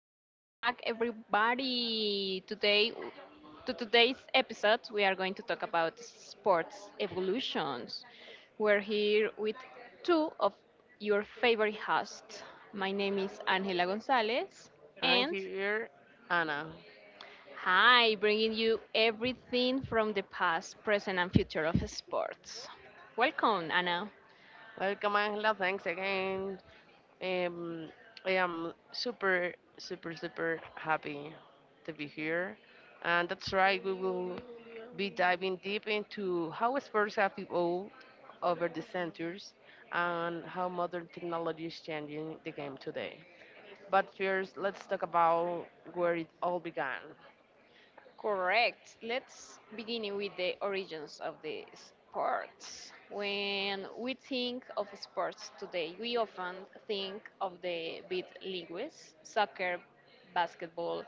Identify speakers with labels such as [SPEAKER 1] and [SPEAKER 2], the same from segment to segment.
[SPEAKER 1] Welcome back everybody. Today to today's episode, we are going to talk about sports evolutions. We're here with two of your favorite hosts. My name is Angela Gonzalez,
[SPEAKER 2] I'm
[SPEAKER 1] and
[SPEAKER 2] here, Anna.
[SPEAKER 1] hi, bringing you everything from the past, present and future of sports. Welcome, Anna.
[SPEAKER 2] Welcome, Angela. Thanks again. Um, I am super, super, super happy to be here. And that's right, we will be diving deep into how sports have evolved over the centuries and how modern technology is changing the game today. But first, let's talk about where it all began.
[SPEAKER 1] Correct. Let's begin with the origins of the sports. When we think of sports today, we often think of the big leagues, soccer, basketball,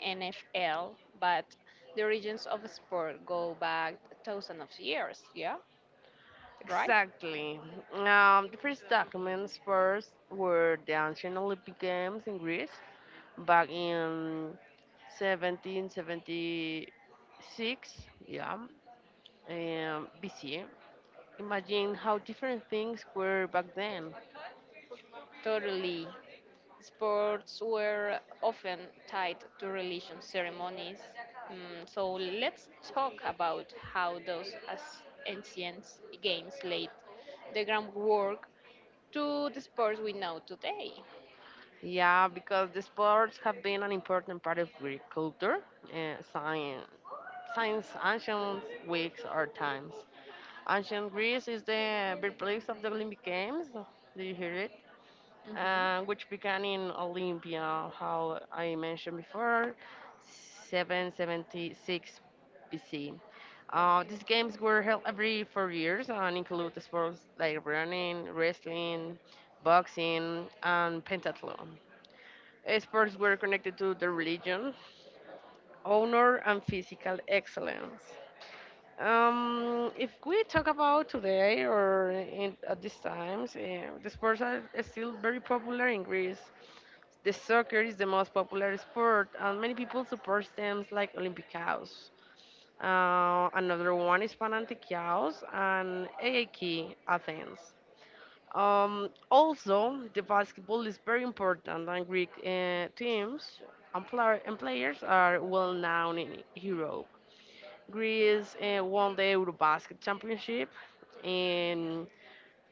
[SPEAKER 1] NFL, but the origins of sport go back thousands of years, yeah? Right?
[SPEAKER 2] Exactly. The first documents first were the ancient Olympic Games in Greece back in 1776, yeah, BC. Imagine how different things were back then.
[SPEAKER 1] Totally. Sports were often tied to religion ceremonies. So let's talk about how ancient games laid the groundwork to the sports we know today.
[SPEAKER 2] Yeah, because the sports have been an important part of Greek culture, uh, science, science, ancient weeks or times. Ancient Greece is the birthplace of the Olympic Games. Do you hear it?
[SPEAKER 1] Mhm.
[SPEAKER 2] Which began in Olympia, how I mentioned before, 776 BC. These games were held every 4 years and include sports like running, wrestling, boxing, and pentathlon. Sports were connected to the religion, honor, and physical excellence. If we talk about today or at these times, the sports are still very popular in Greece. The soccer is the most popular sport, and many people support teams like Olympiacos. Another one is Panathinaikos and AAK Athens. Also, the basketball is very important, and Greek teams and players are well known in Europe. Greece won the Eurobasket Championship in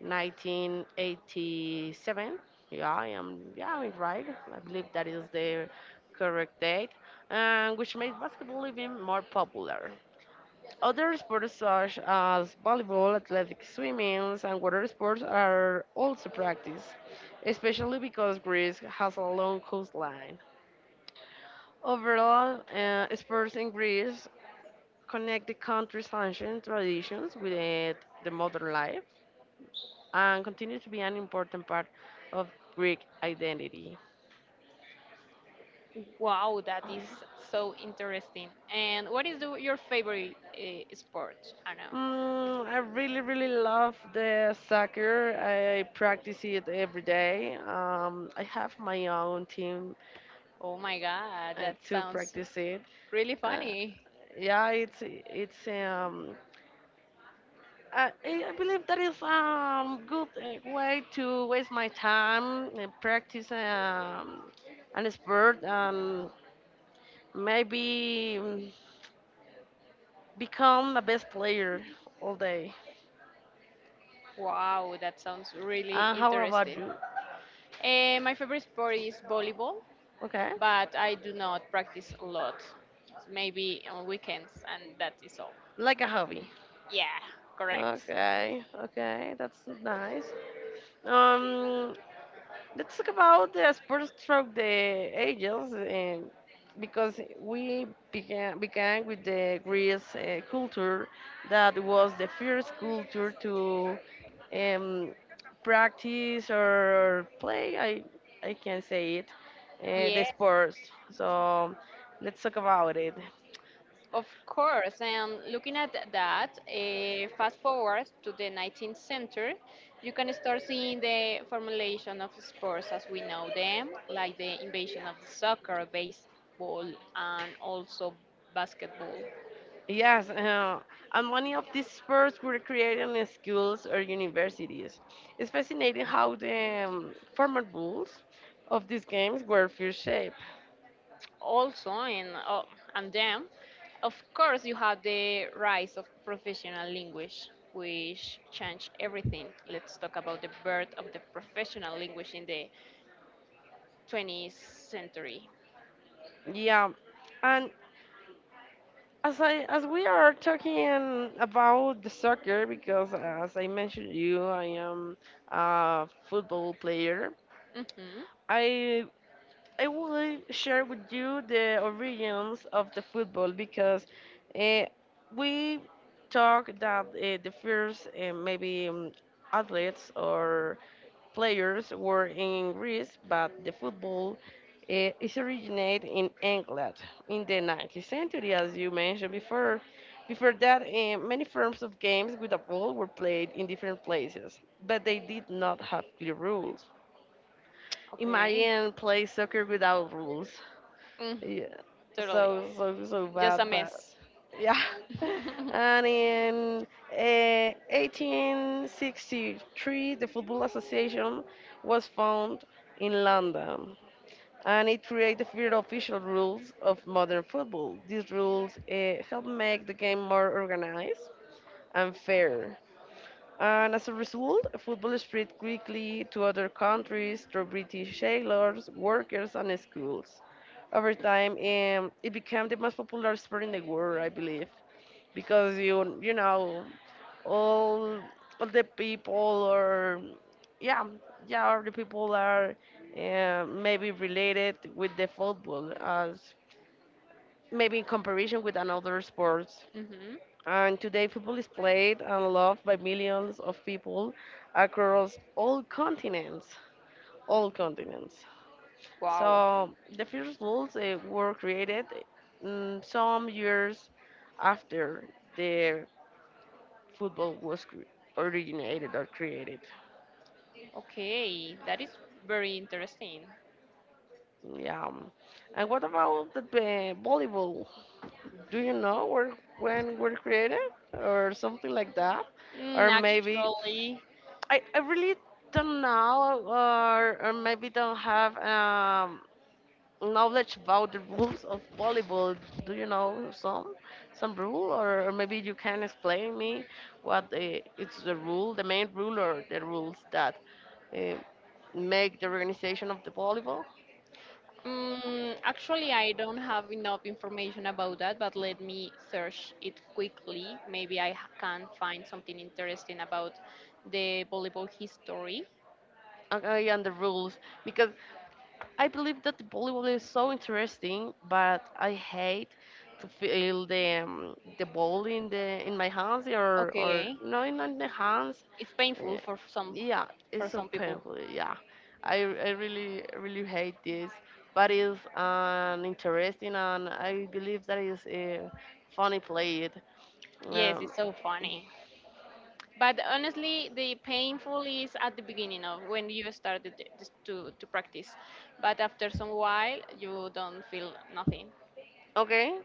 [SPEAKER 2] 1987. Yeah, I am. Yeah, I'm right. I believe that is the correct date, and which made basketball even more popular. Other sports such as volleyball, athletic swimming, and water sports are also practiced, especially because Greece has a long coastline. Overall, sports in Greece connect the country's ancient traditions with it, the modern life, and continue to be an important part of Greek identity.
[SPEAKER 1] Wow, that is so interesting. And what is your favorite sport, Anna?
[SPEAKER 2] I really, really love the soccer. I practice it every day. I have my own team
[SPEAKER 1] Oh my God, that
[SPEAKER 2] to
[SPEAKER 1] sounds
[SPEAKER 2] practice it.
[SPEAKER 1] really
[SPEAKER 2] Uh,
[SPEAKER 1] funny.
[SPEAKER 2] yeah, it's I believe that is a good way to waste my time and practice an sport and maybe become the best player all day.
[SPEAKER 1] Wow, that sounds really
[SPEAKER 2] How about
[SPEAKER 1] interesting.
[SPEAKER 2] you?
[SPEAKER 1] My favorite sport is volleyball,
[SPEAKER 2] Okay,
[SPEAKER 1] but I do not practice a lot. Maybe on weekends, and that is all.
[SPEAKER 2] like a hobby.
[SPEAKER 1] Yeah, correct.
[SPEAKER 2] Okay, okay, that's nice. Um, Let's talk about the sports stroke the angels, because we began with the Greece culture that was the first culture to um, practice or play. I can say it, the
[SPEAKER 1] Yeah,
[SPEAKER 2] sports. So let's talk about it.
[SPEAKER 1] of course. And looking at that, fast forward to the 19th century, you can start seeing the formulation of sports as we know them, like the invasion of the soccer, baseball, and also basketball.
[SPEAKER 2] Yes, and many of these sports were created in schools or universities. It's fascinating how the formal rules of these games were first shaped.
[SPEAKER 1] Also in and then of course you had the rise of professional language which changed everything. Let's talk about the birth of the professional language in the 20th century.
[SPEAKER 2] Yeah, and as we are talking about the soccer, because as I mentioned you, I am a football player.
[SPEAKER 1] Hmm,
[SPEAKER 2] I I will like, share with you the origins of the football because uh, we talk that the first maybe athletes or players were in Greece, but the football is originated in England in the 19th century, as you mentioned before. Before that, many forms of games with a ball were played in different places, but they did not have clear rules.
[SPEAKER 1] okay.
[SPEAKER 2] Imagine play soccer without rules.
[SPEAKER 1] Mm,
[SPEAKER 2] Yeah,
[SPEAKER 1] Totally
[SPEAKER 2] so
[SPEAKER 1] just
[SPEAKER 2] bad,
[SPEAKER 1] a
[SPEAKER 2] but
[SPEAKER 1] mess.
[SPEAKER 2] yeah.
[SPEAKER 1] Hmm.
[SPEAKER 2] And in 1863, the Football Association was found in London, and it created the official rules of modern football. These rules help make the game more organized and fair. And as a result, football spread quickly to other countries through British sailors, workers, and schools. Over time, it became the most popular sport in the world, I believe, because all all the people are yeah, yeah, all the people are maybe related with the football as maybe in comparison with another sport, and today, football is played and loved by millions of people across all continents. All continents.
[SPEAKER 1] Wow,
[SPEAKER 2] So, the first rules were created some years after the football was originated or created.
[SPEAKER 1] okay, that is very interesting.
[SPEAKER 2] Yeah. And what about the volleyball? Do you know where when were created or something like that?
[SPEAKER 1] mm,
[SPEAKER 2] Or maybe
[SPEAKER 1] actually
[SPEAKER 2] I really don't know or maybe don't have knowledge about the rules of volleyball. Do you know some rule or maybe you can explain me it's the rule, the main rule or the rules that uh, make the organization of the volleyball?
[SPEAKER 1] Actually, I don't have enough information about that, but let me search it quickly. Maybe I can find something interesting about the volleyball history.
[SPEAKER 2] Okay, and the rules, because I believe that the volleyball is so interesting, but I hate to feel the ball in the in my hands or
[SPEAKER 1] Okay,
[SPEAKER 2] no in the hands.
[SPEAKER 1] it's painful
[SPEAKER 2] Uh,
[SPEAKER 1] for
[SPEAKER 2] yeah, it's so
[SPEAKER 1] some people.
[SPEAKER 2] painful. Yeah, I really really hate this, but it's an interesting and I believe that is a funny play. It.
[SPEAKER 1] Yes,
[SPEAKER 2] Um,
[SPEAKER 1] it's so funny. But honestly, the painful is at the beginning of when you started to practice. But after some while, you don't feel nothing.
[SPEAKER 2] okay,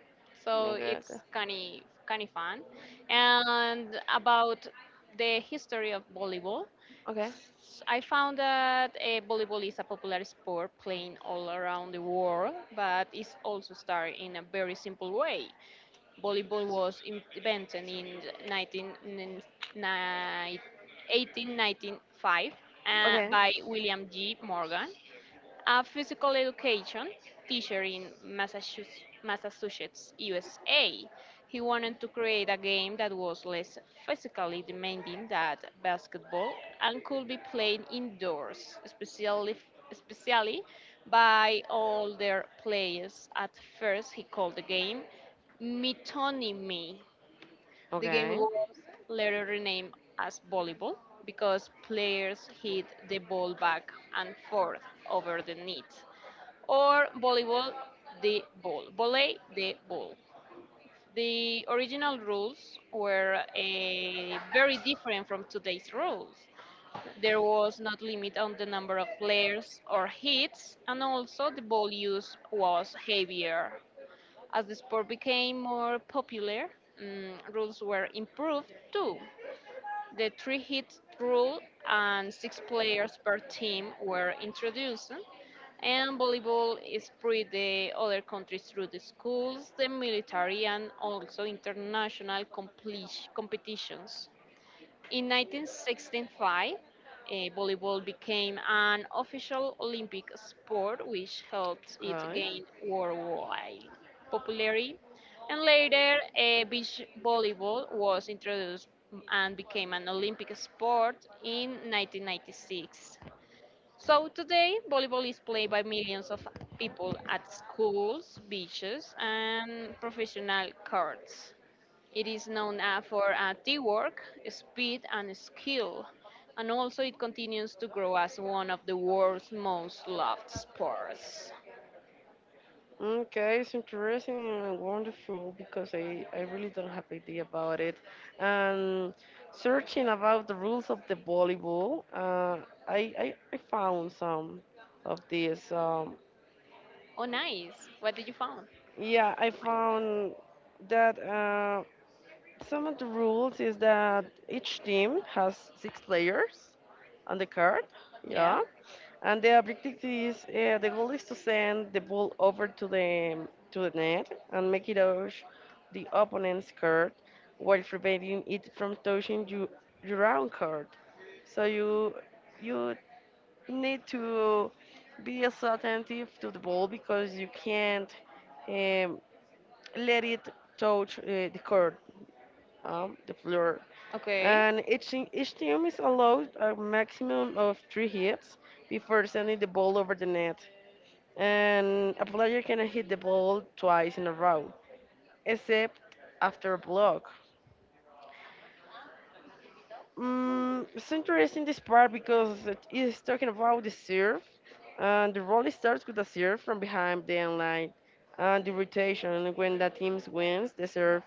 [SPEAKER 1] So
[SPEAKER 2] okay, okay,
[SPEAKER 1] it's kind of fun. And about the history of volleyball,
[SPEAKER 2] okay,
[SPEAKER 1] I found that volleyball is a popular sport playing all around the world, but it's also started in a very simple way. Volleyball was invented in 19, nin- ni- 1895
[SPEAKER 2] okay,
[SPEAKER 1] by William G. Morgan, a physical education teacher in Massachusetts, USA. He wanted to create a game that was less physically demanding than basketball and could be played indoors, especially by older players. At first, he called the game Metonymy. The game
[SPEAKER 2] okay,
[SPEAKER 1] was later renamed as volleyball because players hit the ball back and forth over the net, or volleyball the ball, volley the ball. The original rules were very different from today's rules. There was not limit on the number of players or hits, and also the ball use was heavier. As the sport became more popular, rules were improved too. The 3 hit rule and 6 players per team were introduced, and volleyball is spread the other countries through the schools, the military, and also international competitions. In 1965, volleyball became an official Olympic sport, which helped it
[SPEAKER 2] okay.
[SPEAKER 1] gain worldwide popularity. And later, beach volleyball was introduced and became an Olympic sport in 1996. So today, volleyball is played by millions of people at schools, beaches, and professional courts. It is known for teamwork, speed, and skill, and also it continues to grow as one of the world's most loved sports.
[SPEAKER 2] Okay, it's interesting and wonderful because I really don't have idea about it. And searching about the rules of the volleyball, I found some of this.
[SPEAKER 1] Oh, nice! What did you find?
[SPEAKER 2] Yeah, I found that some of the rules is that each team has six players on the card.
[SPEAKER 1] Yeah.
[SPEAKER 2] Yeah, and the goal is to send the ball over to the net and make it touch the opponent's card while preventing it from touching your own card. So you need to be as attentive to the ball because you can't um, let it touch the court, the floor.
[SPEAKER 1] Okay.
[SPEAKER 2] And each team is allowed a maximum of three hits before sending the ball over the net, and a player can hit the ball twice in a row, except after a block. It's interesting this part because it is talking about the serve, and the rally starts with a serve from behind the end line, and the rotation when the team wins the serve,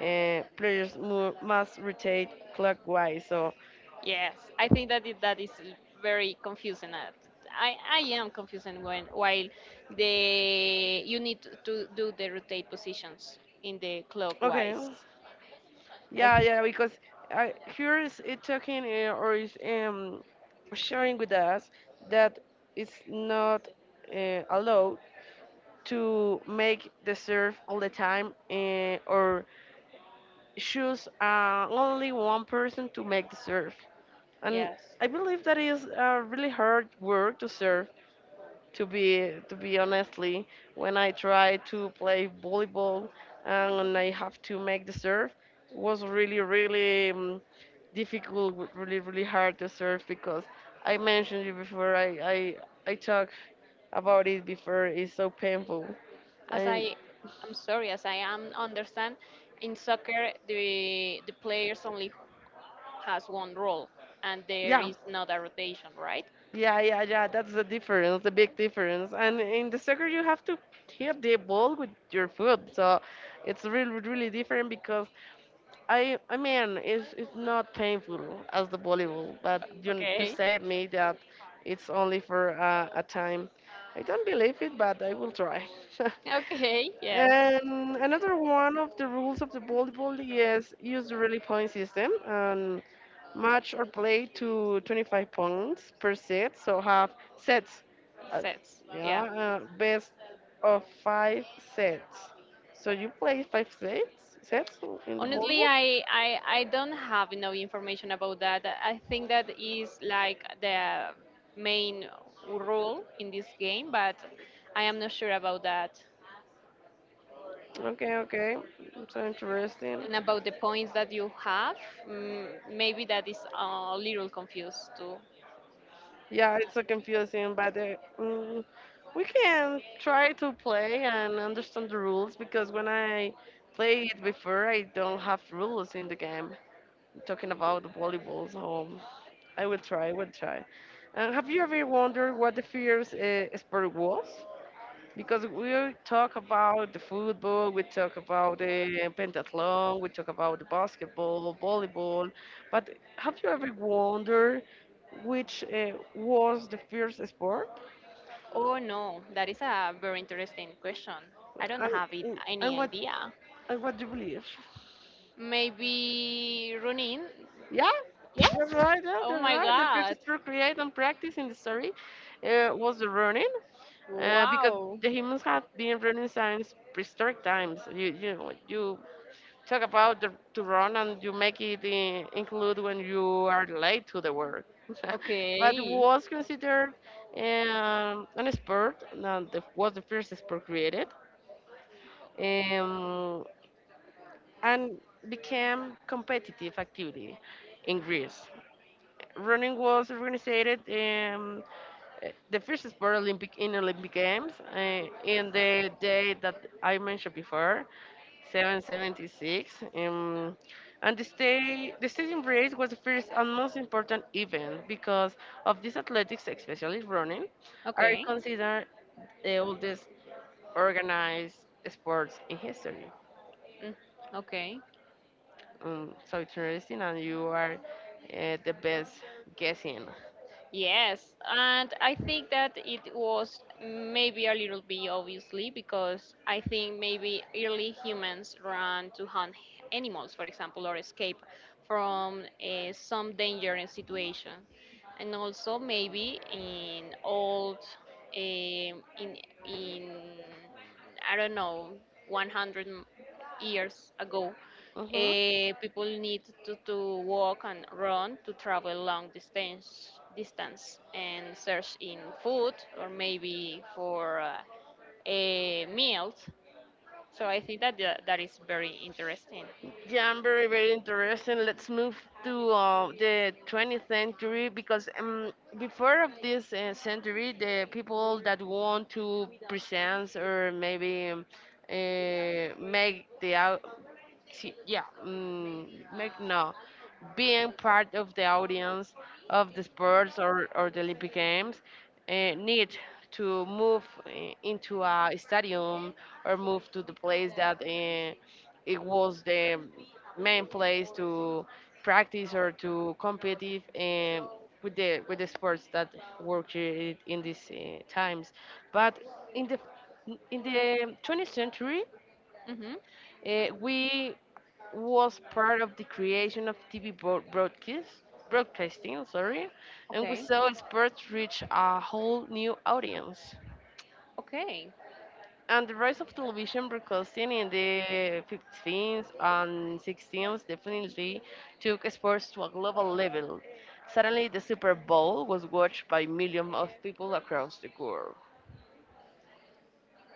[SPEAKER 2] players must rotate clockwise. So,
[SPEAKER 1] Yes, I think that is very confusing. I am confusing when while the you need to do the rotate positions in the
[SPEAKER 2] okay,
[SPEAKER 1] clockwise. I,
[SPEAKER 2] yeah, yeah, because here is it talking or is sharing with us that it's not allowed to make the serve all the time or choose only one person to make the serve. And
[SPEAKER 1] yes.
[SPEAKER 2] I believe that is a really hard work to be honestly. When I try to play volleyball and I have to make the serve, it was really really difficult, really really hard to serve, because I mentioned you before, i I talked about it before, it's so painful.
[SPEAKER 1] As
[SPEAKER 2] And
[SPEAKER 1] I'm sorry, as I am understand, in soccer the players only has one role, and there
[SPEAKER 2] yeah,
[SPEAKER 1] is not a rotation, right?
[SPEAKER 2] yeah, yeah, yeah, that's the big difference. And in the soccer you have to hit the ball with your foot, so it's really really different, because I mean it's not painful as the volleyball, but you
[SPEAKER 1] Okay,
[SPEAKER 2] said me that it's only for a time. I don't believe it, but I will try.
[SPEAKER 1] okay, yes,
[SPEAKER 2] And another one of the rules of the volleyball is use the really point system and match or play to 25 points per set. So have sets. Uh,
[SPEAKER 1] sets, yeah.
[SPEAKER 2] yeah, best of five sets. So you play five sets in the
[SPEAKER 1] Honestly,
[SPEAKER 2] volleyball?
[SPEAKER 1] I don't have enough information about that. I think that is like the main rule in this game, but I am not sure about that.
[SPEAKER 2] Okay, okay. So interesting.
[SPEAKER 1] And about the points that you have, maybe that is a little confused too.
[SPEAKER 2] Yeah, it's so confusing, but we can try to play and understand the rules, because when I played it before, I don't have rules in the game. Talking about the volleyball, so I will try, I will try. And have you ever wondered what the first sport was? Because we talk about the football, we talk about the pentathlon, we talk about the basketball, volleyball. But have you ever wondered which was the first sport
[SPEAKER 1] Oh no, that is a very interesting question. I don't
[SPEAKER 2] and,
[SPEAKER 1] have it,
[SPEAKER 2] mm,
[SPEAKER 1] any
[SPEAKER 2] and what
[SPEAKER 1] idea.
[SPEAKER 2] and what do you believe?
[SPEAKER 1] Maybe running?
[SPEAKER 2] Yeah.
[SPEAKER 1] Yes.
[SPEAKER 2] You're right, yeah,
[SPEAKER 1] Oh
[SPEAKER 2] you're
[SPEAKER 1] my
[SPEAKER 2] right. The first
[SPEAKER 1] god.
[SPEAKER 2] sport created and practiced in the story was the running, because
[SPEAKER 1] Wow.
[SPEAKER 2] the humans have been running since prehistoric times. You talk about to run, and you make it include when you are late to the work. But it
[SPEAKER 1] Okay.
[SPEAKER 2] was considered an sport and was the first sport created um, and became competitive activity in Greece. Running was organized the first sport Olympic in Olympic Games in the day that I mentioned before, 776. And the stadium race was the first and most important event, because of these athletics, especially running, are
[SPEAKER 1] Okay.
[SPEAKER 2] considered the oldest organized sports in history.
[SPEAKER 1] Mm, okay.
[SPEAKER 2] So it's interesting, and you are the best guessing.
[SPEAKER 1] Yes, and I think that it was maybe a little bit obviously because I think maybe early humans ran to hunt animals, for example, or escape from some dangerous situation. And also maybe in old, um in in I don't know, 100 years ago,
[SPEAKER 2] Mhm.
[SPEAKER 1] people need to walk and run to travel long distance and search in food or maybe for a meals. So I think that that is very interesting.
[SPEAKER 2] Yeah, I'm very, very interested. Let's move to the 20th century because before of this century, the people that want to present or maybe make the si, yeah, um, make no, being part of the audience of the sports or the Olympic Games need to move into a stadium or move to the place that it was the main place to practice or to compete with the sports that work in these times, but in the in the 20th century
[SPEAKER 1] Hmm.
[SPEAKER 2] we was part of the creation of TV broadcast, broadcasting, I'm sorry, and we
[SPEAKER 1] Okay.
[SPEAKER 2] saw sports reach a whole new audience.
[SPEAKER 1] Okay.
[SPEAKER 2] And the rise of television broadcasting in the 15th and 16th definitely took sports to a global level. Suddenly, the Super Bowl was watched by millions of people across the world.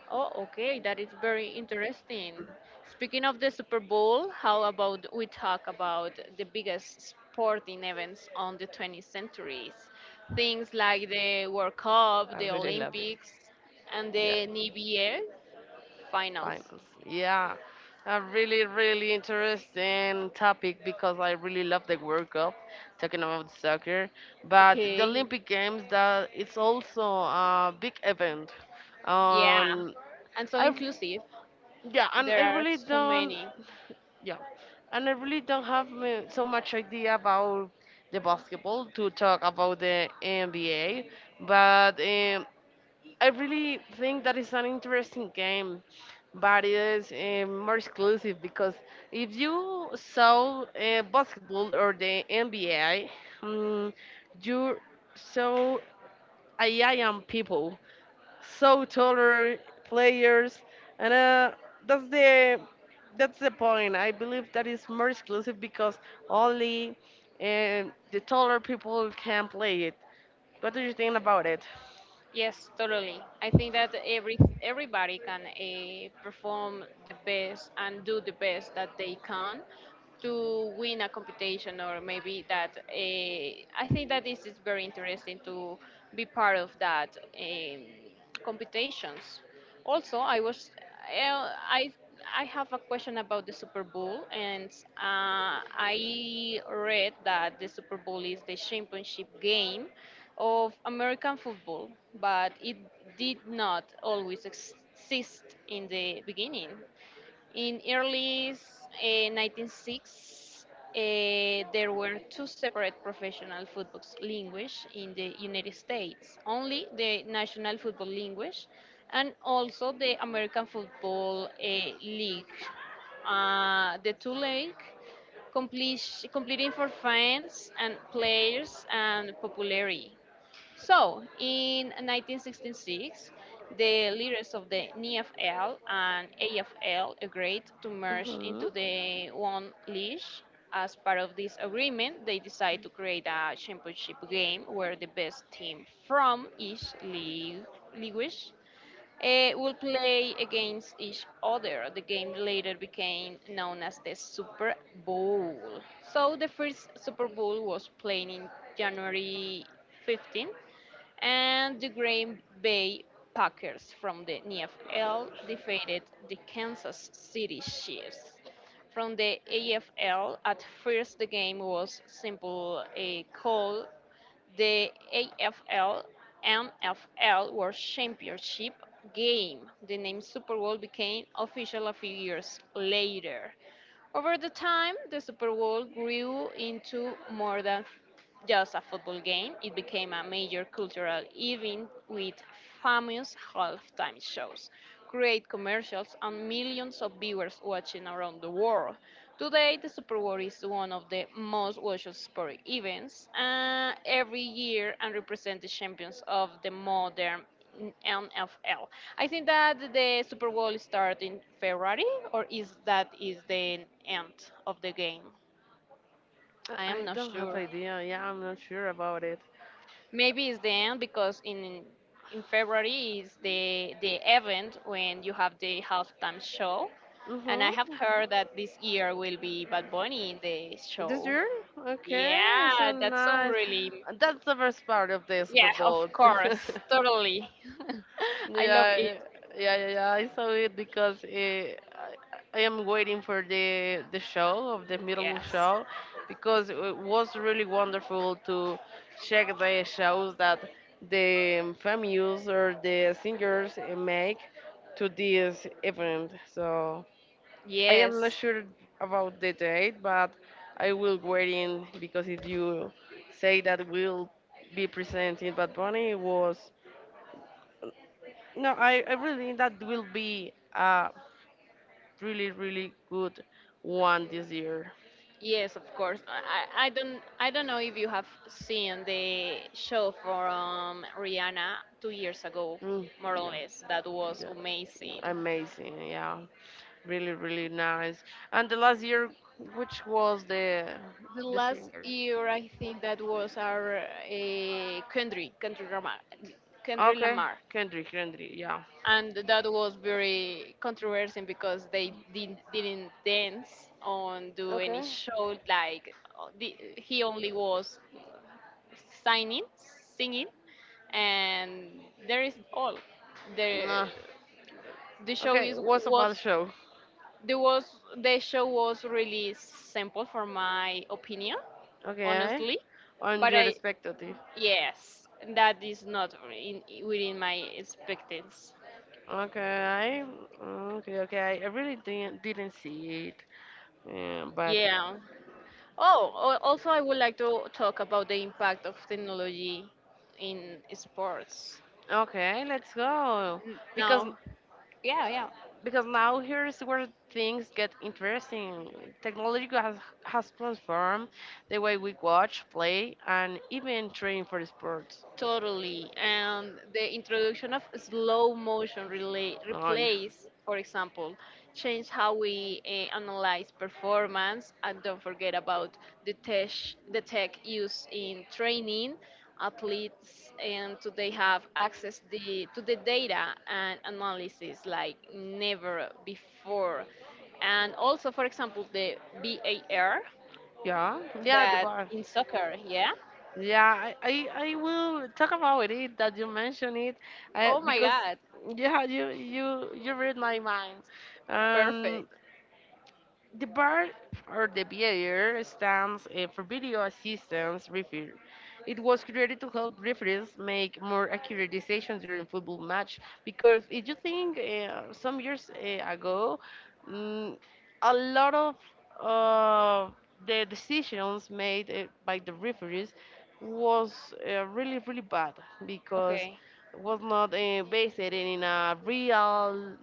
[SPEAKER 1] Oh, okay, that is very interesting. Speaking of the Super Bowl, how about we talk about the biggest sporting events on the 20th centuries? Things like the World Cup,
[SPEAKER 2] I
[SPEAKER 1] the
[SPEAKER 2] really love it.
[SPEAKER 1] Olympics, and
[SPEAKER 2] Yeah.
[SPEAKER 1] the NBA finals.
[SPEAKER 2] Finance. Yeah. A really interesting topic because I really love the World Cup, talking about soccer. But the
[SPEAKER 1] Okay,
[SPEAKER 2] Olympic Games, that it's also a big event.
[SPEAKER 1] yeah,
[SPEAKER 2] Um,
[SPEAKER 1] and so
[SPEAKER 2] I
[SPEAKER 1] inclusive.
[SPEAKER 2] yeah, and
[SPEAKER 1] There
[SPEAKER 2] I
[SPEAKER 1] are
[SPEAKER 2] really
[SPEAKER 1] so
[SPEAKER 2] don't
[SPEAKER 1] many.
[SPEAKER 2] yeah, and I really don't have so much idea about the basketball to talk about the NBA. But I really think that it's an interesting game, but it is more exclusive because if you saw basketball or the NBA, mm, you saw IIM people, so taller players, and that's the that's the point. I believe that is more exclusive because only the taller people can play it. What do you think about it?
[SPEAKER 1] Yes, totally. I think that everybody can perform the best and do the best that they can to win a competition, or maybe that. I think that this is very interesting to be part of that competitions. Also, I have a question about the Super Bowl, and I read that the Super Bowl is the championship game of American football, but it did not always exist in the beginning. In early 1906, there were two separate professional football language in the United States, only the National Football Language and also the American Football League. The two league completing for fans and players and popularity. So, in 1966, the leaders of the NFL and AFL agreed to merge
[SPEAKER 2] Hmm.
[SPEAKER 1] into the one league. As part of this agreement, they decided to create a championship game where the best team from each league will play against each other. The game later became known as the Super Bowl. So the first Super Bowl was played in January 15, and the Green Bay Packers from the NFL defeated the Kansas City Chiefs from the AFL. At first the game was simple a call the AFL NFL World Championship game. The name Super Bowl became official a few years later. Over the time, the Super Bowl grew into more than just a football game. It became a major cultural event with famous halftime shows, great commercials, and millions of viewers watching around the world. Today, the Super Bowl is one of the most watched sport events every year and represents the champions of the modern in NFL. I think that the Super Bowl starts in February, or is that is the end of the game?
[SPEAKER 2] I
[SPEAKER 1] I am
[SPEAKER 2] I
[SPEAKER 1] not
[SPEAKER 2] don't have
[SPEAKER 1] sure.
[SPEAKER 2] idea. Yeah, I'm not sure about it.
[SPEAKER 1] Maybe it's the end because in February is the event when you have the halftime show, and I have
[SPEAKER 2] Mm-hmm.
[SPEAKER 1] heard that this year will be Bad Bunny in the
[SPEAKER 2] This
[SPEAKER 1] show.
[SPEAKER 2] year? Okay, so
[SPEAKER 1] Yeah, that sounds
[SPEAKER 2] nice.
[SPEAKER 1] really.
[SPEAKER 2] That's the first part of the
[SPEAKER 1] Yeah,
[SPEAKER 2] Super
[SPEAKER 1] of
[SPEAKER 2] Bowl. yeah,
[SPEAKER 1] course, totally. I love it.
[SPEAKER 2] yeah, yeah, yeah. I saw it because I am waiting for the show of the middle
[SPEAKER 1] Yes.
[SPEAKER 2] show because it was really wonderful to check the shows that the venues or the singers eh, make to this event. So, I am not
[SPEAKER 1] Yes,
[SPEAKER 2] sure about the date, but I will wait in, because if you say that will be presenting Bad Bunny was no, I really think that will be a really good one this year.
[SPEAKER 1] Yes, of course. I don't know if you have seen the show from Rihanna 2 years ago,
[SPEAKER 2] Mm,
[SPEAKER 1] more or
[SPEAKER 2] yeah,
[SPEAKER 1] less. That was
[SPEAKER 2] yeah,
[SPEAKER 1] amazing.
[SPEAKER 2] amazing, yeah, really nice. And the last year, which was
[SPEAKER 1] The
[SPEAKER 2] the
[SPEAKER 1] last
[SPEAKER 2] singer?
[SPEAKER 1] year, I think that was our country
[SPEAKER 2] Okay,
[SPEAKER 1] Lamar,
[SPEAKER 2] Kendrick, yeah.
[SPEAKER 1] and that was very controversial because they didn't dance or do any
[SPEAKER 2] Okay.
[SPEAKER 1] show. Like he only was signing, singing, and there is all. The
[SPEAKER 2] Nah.
[SPEAKER 1] the show
[SPEAKER 2] Okay,
[SPEAKER 1] is
[SPEAKER 2] what's about the
[SPEAKER 1] was
[SPEAKER 2] show?
[SPEAKER 1] the was the show was really simple for my opinion,
[SPEAKER 2] Okay,
[SPEAKER 1] honestly.
[SPEAKER 2] on
[SPEAKER 1] But
[SPEAKER 2] your
[SPEAKER 1] I
[SPEAKER 2] perspective.
[SPEAKER 1] yes, that is not in, within my expectations.
[SPEAKER 2] Okay, okay, okay. I really didn't see it, yeah, but
[SPEAKER 1] Yeah. Oh, also I would like to talk about the impact of technology in sports.
[SPEAKER 2] okay, let's go, because
[SPEAKER 1] Now, yeah, yeah.
[SPEAKER 2] because now here's where things get interesting. Technology has transformed the way we watch, play, and even train for sports.
[SPEAKER 1] Totally. And the introduction of slow motion
[SPEAKER 2] Oh, yeah,
[SPEAKER 1] replays, for example, changed how we analyze performance. And don't forget about the tech, the tech used in training athletes. And today have access to the data and analysis like never before. And also, for example, the VAR
[SPEAKER 2] yeah, yeah, the
[SPEAKER 1] that
[SPEAKER 2] bar.
[SPEAKER 1] in soccer, yeah?
[SPEAKER 2] Yeah, I will talk about it that you mentioned it,
[SPEAKER 1] Oh my
[SPEAKER 2] because
[SPEAKER 1] God,
[SPEAKER 2] yeah, you you read my mind.
[SPEAKER 1] perfect.
[SPEAKER 2] Um, The bar or the beer stands for Video Assistance Referee. It was created to help referees make more accurate decisions during football match. Because if you think some years ago, mm, a lot of uh, the decisions made by the referees was really bad because
[SPEAKER 1] Okay,
[SPEAKER 2] was not based in a real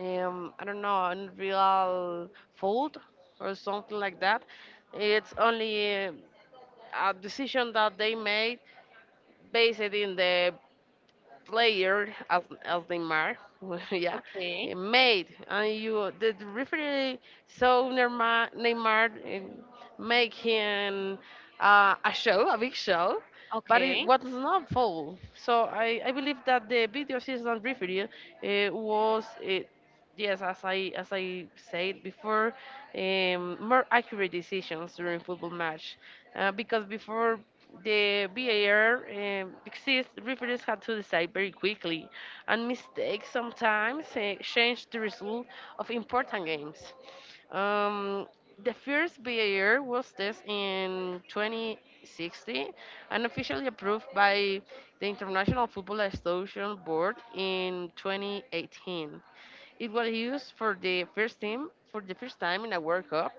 [SPEAKER 2] I don't know, Unreal Fold or something like that. It's only a decision that they made based in the player as Neymar, yeah,
[SPEAKER 1] okay.
[SPEAKER 2] made, and you the referee saw Neymar making a show, a big show, but it
[SPEAKER 1] Okay.
[SPEAKER 2] was not foul. So I believe that the video assistant referee was, uh, yes, as I said before, more accurate decisions during football match, because before the VAR exists, referees had to decide very quickly, and mistakes sometimes changed the result of important games. Um, the first VAR was tested in 2060 and officially approved by the International Football Association Board in 2018. It was used for the first team for the first time in a World Cup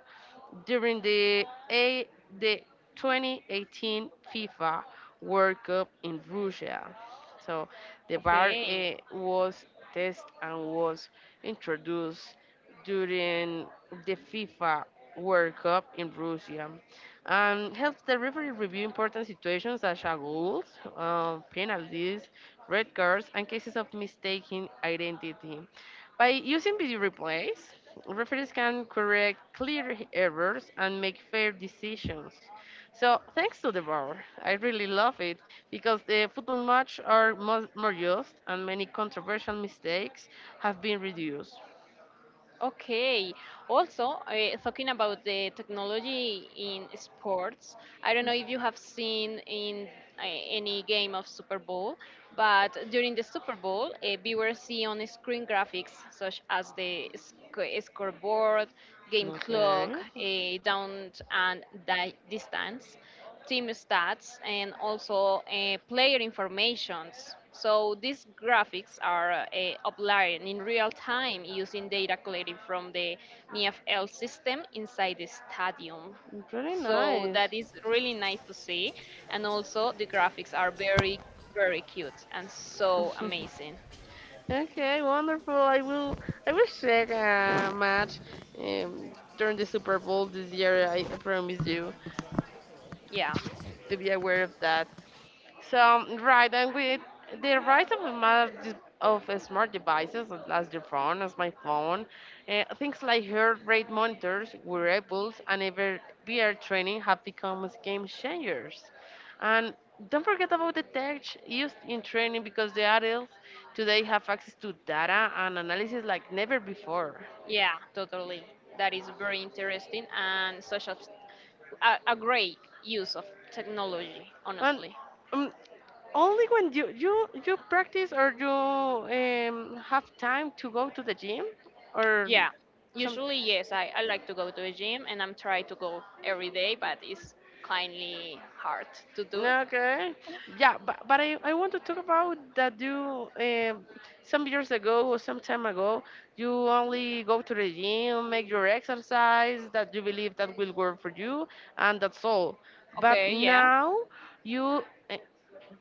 [SPEAKER 2] during the 2018 FIFA World Cup in Russia, so the VAR
[SPEAKER 1] Okay.
[SPEAKER 2] was tested and was introduced during the FIFA World Cup in Russia and helps the referee review important situations such as goals, penalties, red cards, and cases of mistaken identity. By using video replays, referees can correct clear errors and make fair decisions. So thanks to the VAR, I really love it because the football match are more just and many controversial mistakes have been reduced.
[SPEAKER 1] Okay. Also, talking about the technology in sports, I don't know if you have seen in any game of Super Bowl, but during the Super Bowl, viewers see on screen graphics such as the scoreboard, game clock,
[SPEAKER 2] Okay,
[SPEAKER 1] down and distance team stats, and also player informations. So these graphics are uploaded in real time using data collected from the NFL system inside the stadium.
[SPEAKER 2] pretty
[SPEAKER 1] So
[SPEAKER 2] nice.
[SPEAKER 1] that is really nice to see, and also the graphics are very, very cute and so amazing.
[SPEAKER 2] okay, wonderful. I will check a match during the Super Bowl this year. I promise you
[SPEAKER 1] Yeah,
[SPEAKER 2] to be aware of that. So, right, and with the rise of a mass dis- of smart devices, as your phone, as my phone, things like heart rate monitors, wearables, and even VR training have become as game changers. And don't forget about the tech used in training because the adults today have access to data and analysis like never before.
[SPEAKER 1] yeah, totally. That is very interesting and such a great use of technology,
[SPEAKER 2] And
[SPEAKER 1] honestly.
[SPEAKER 2] um, only when you you practice or you have time to go to the gym or
[SPEAKER 1] Yeah,
[SPEAKER 2] some.
[SPEAKER 1] usually yes. I like to go to a gym and I'm trying to go every day, but it's kindly hard to do.
[SPEAKER 2] Okay. Yeah, but I want to talk about that you some years ago or some time ago, you only go to the gym, make your exercise that you believe that will work for you, and that's all. But
[SPEAKER 1] Okay, yeah.
[SPEAKER 2] now you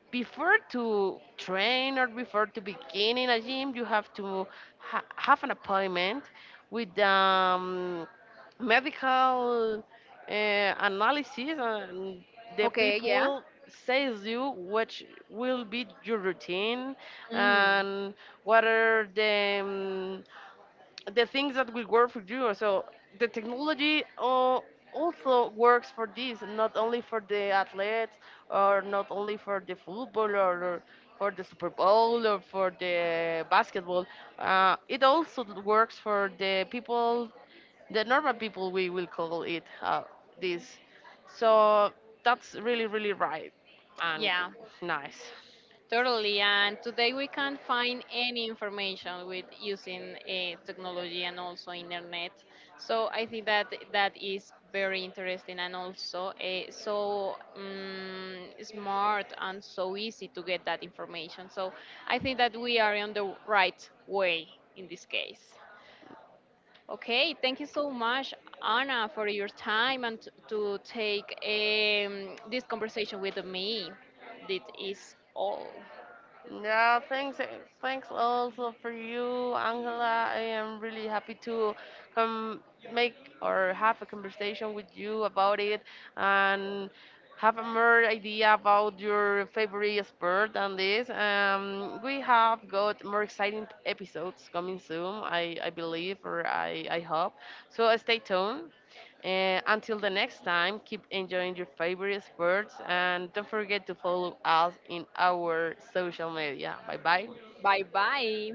[SPEAKER 2] before to train or before to begin in a gym, you have to have an appointment with medical analysis, and the
[SPEAKER 1] Okay, yeah.
[SPEAKER 2] people says you what will be your routine
[SPEAKER 1] Mm,
[SPEAKER 2] and what are the things that will work for you. So the technology also works for this, not only for the athletes or not only for the football or for the Super Bowl or for the basketball. It also works for the people, the normal people, we will call it this. So that's really right and
[SPEAKER 1] yeah.
[SPEAKER 2] nice.
[SPEAKER 1] Totally, and today we can find any information with using technology and also internet. So I think that that is very interesting and also smart and so easy to get that information. So I think that we are on the right way in this case. Okay, thank you so much, Anna, for your time and to take this conversation with me. This is all.
[SPEAKER 2] Yeah, thanks, thanks also for you, Angela. I am really happy to come make or have a conversation with you about it and have a more idea about your favorite sport and this. We have got more exciting episodes coming soon, I believe or I hope. So stay tuned until the next time, keep enjoying your favorite sports and don't forget to follow us in our social media. Bye bye.
[SPEAKER 1] Bye bye.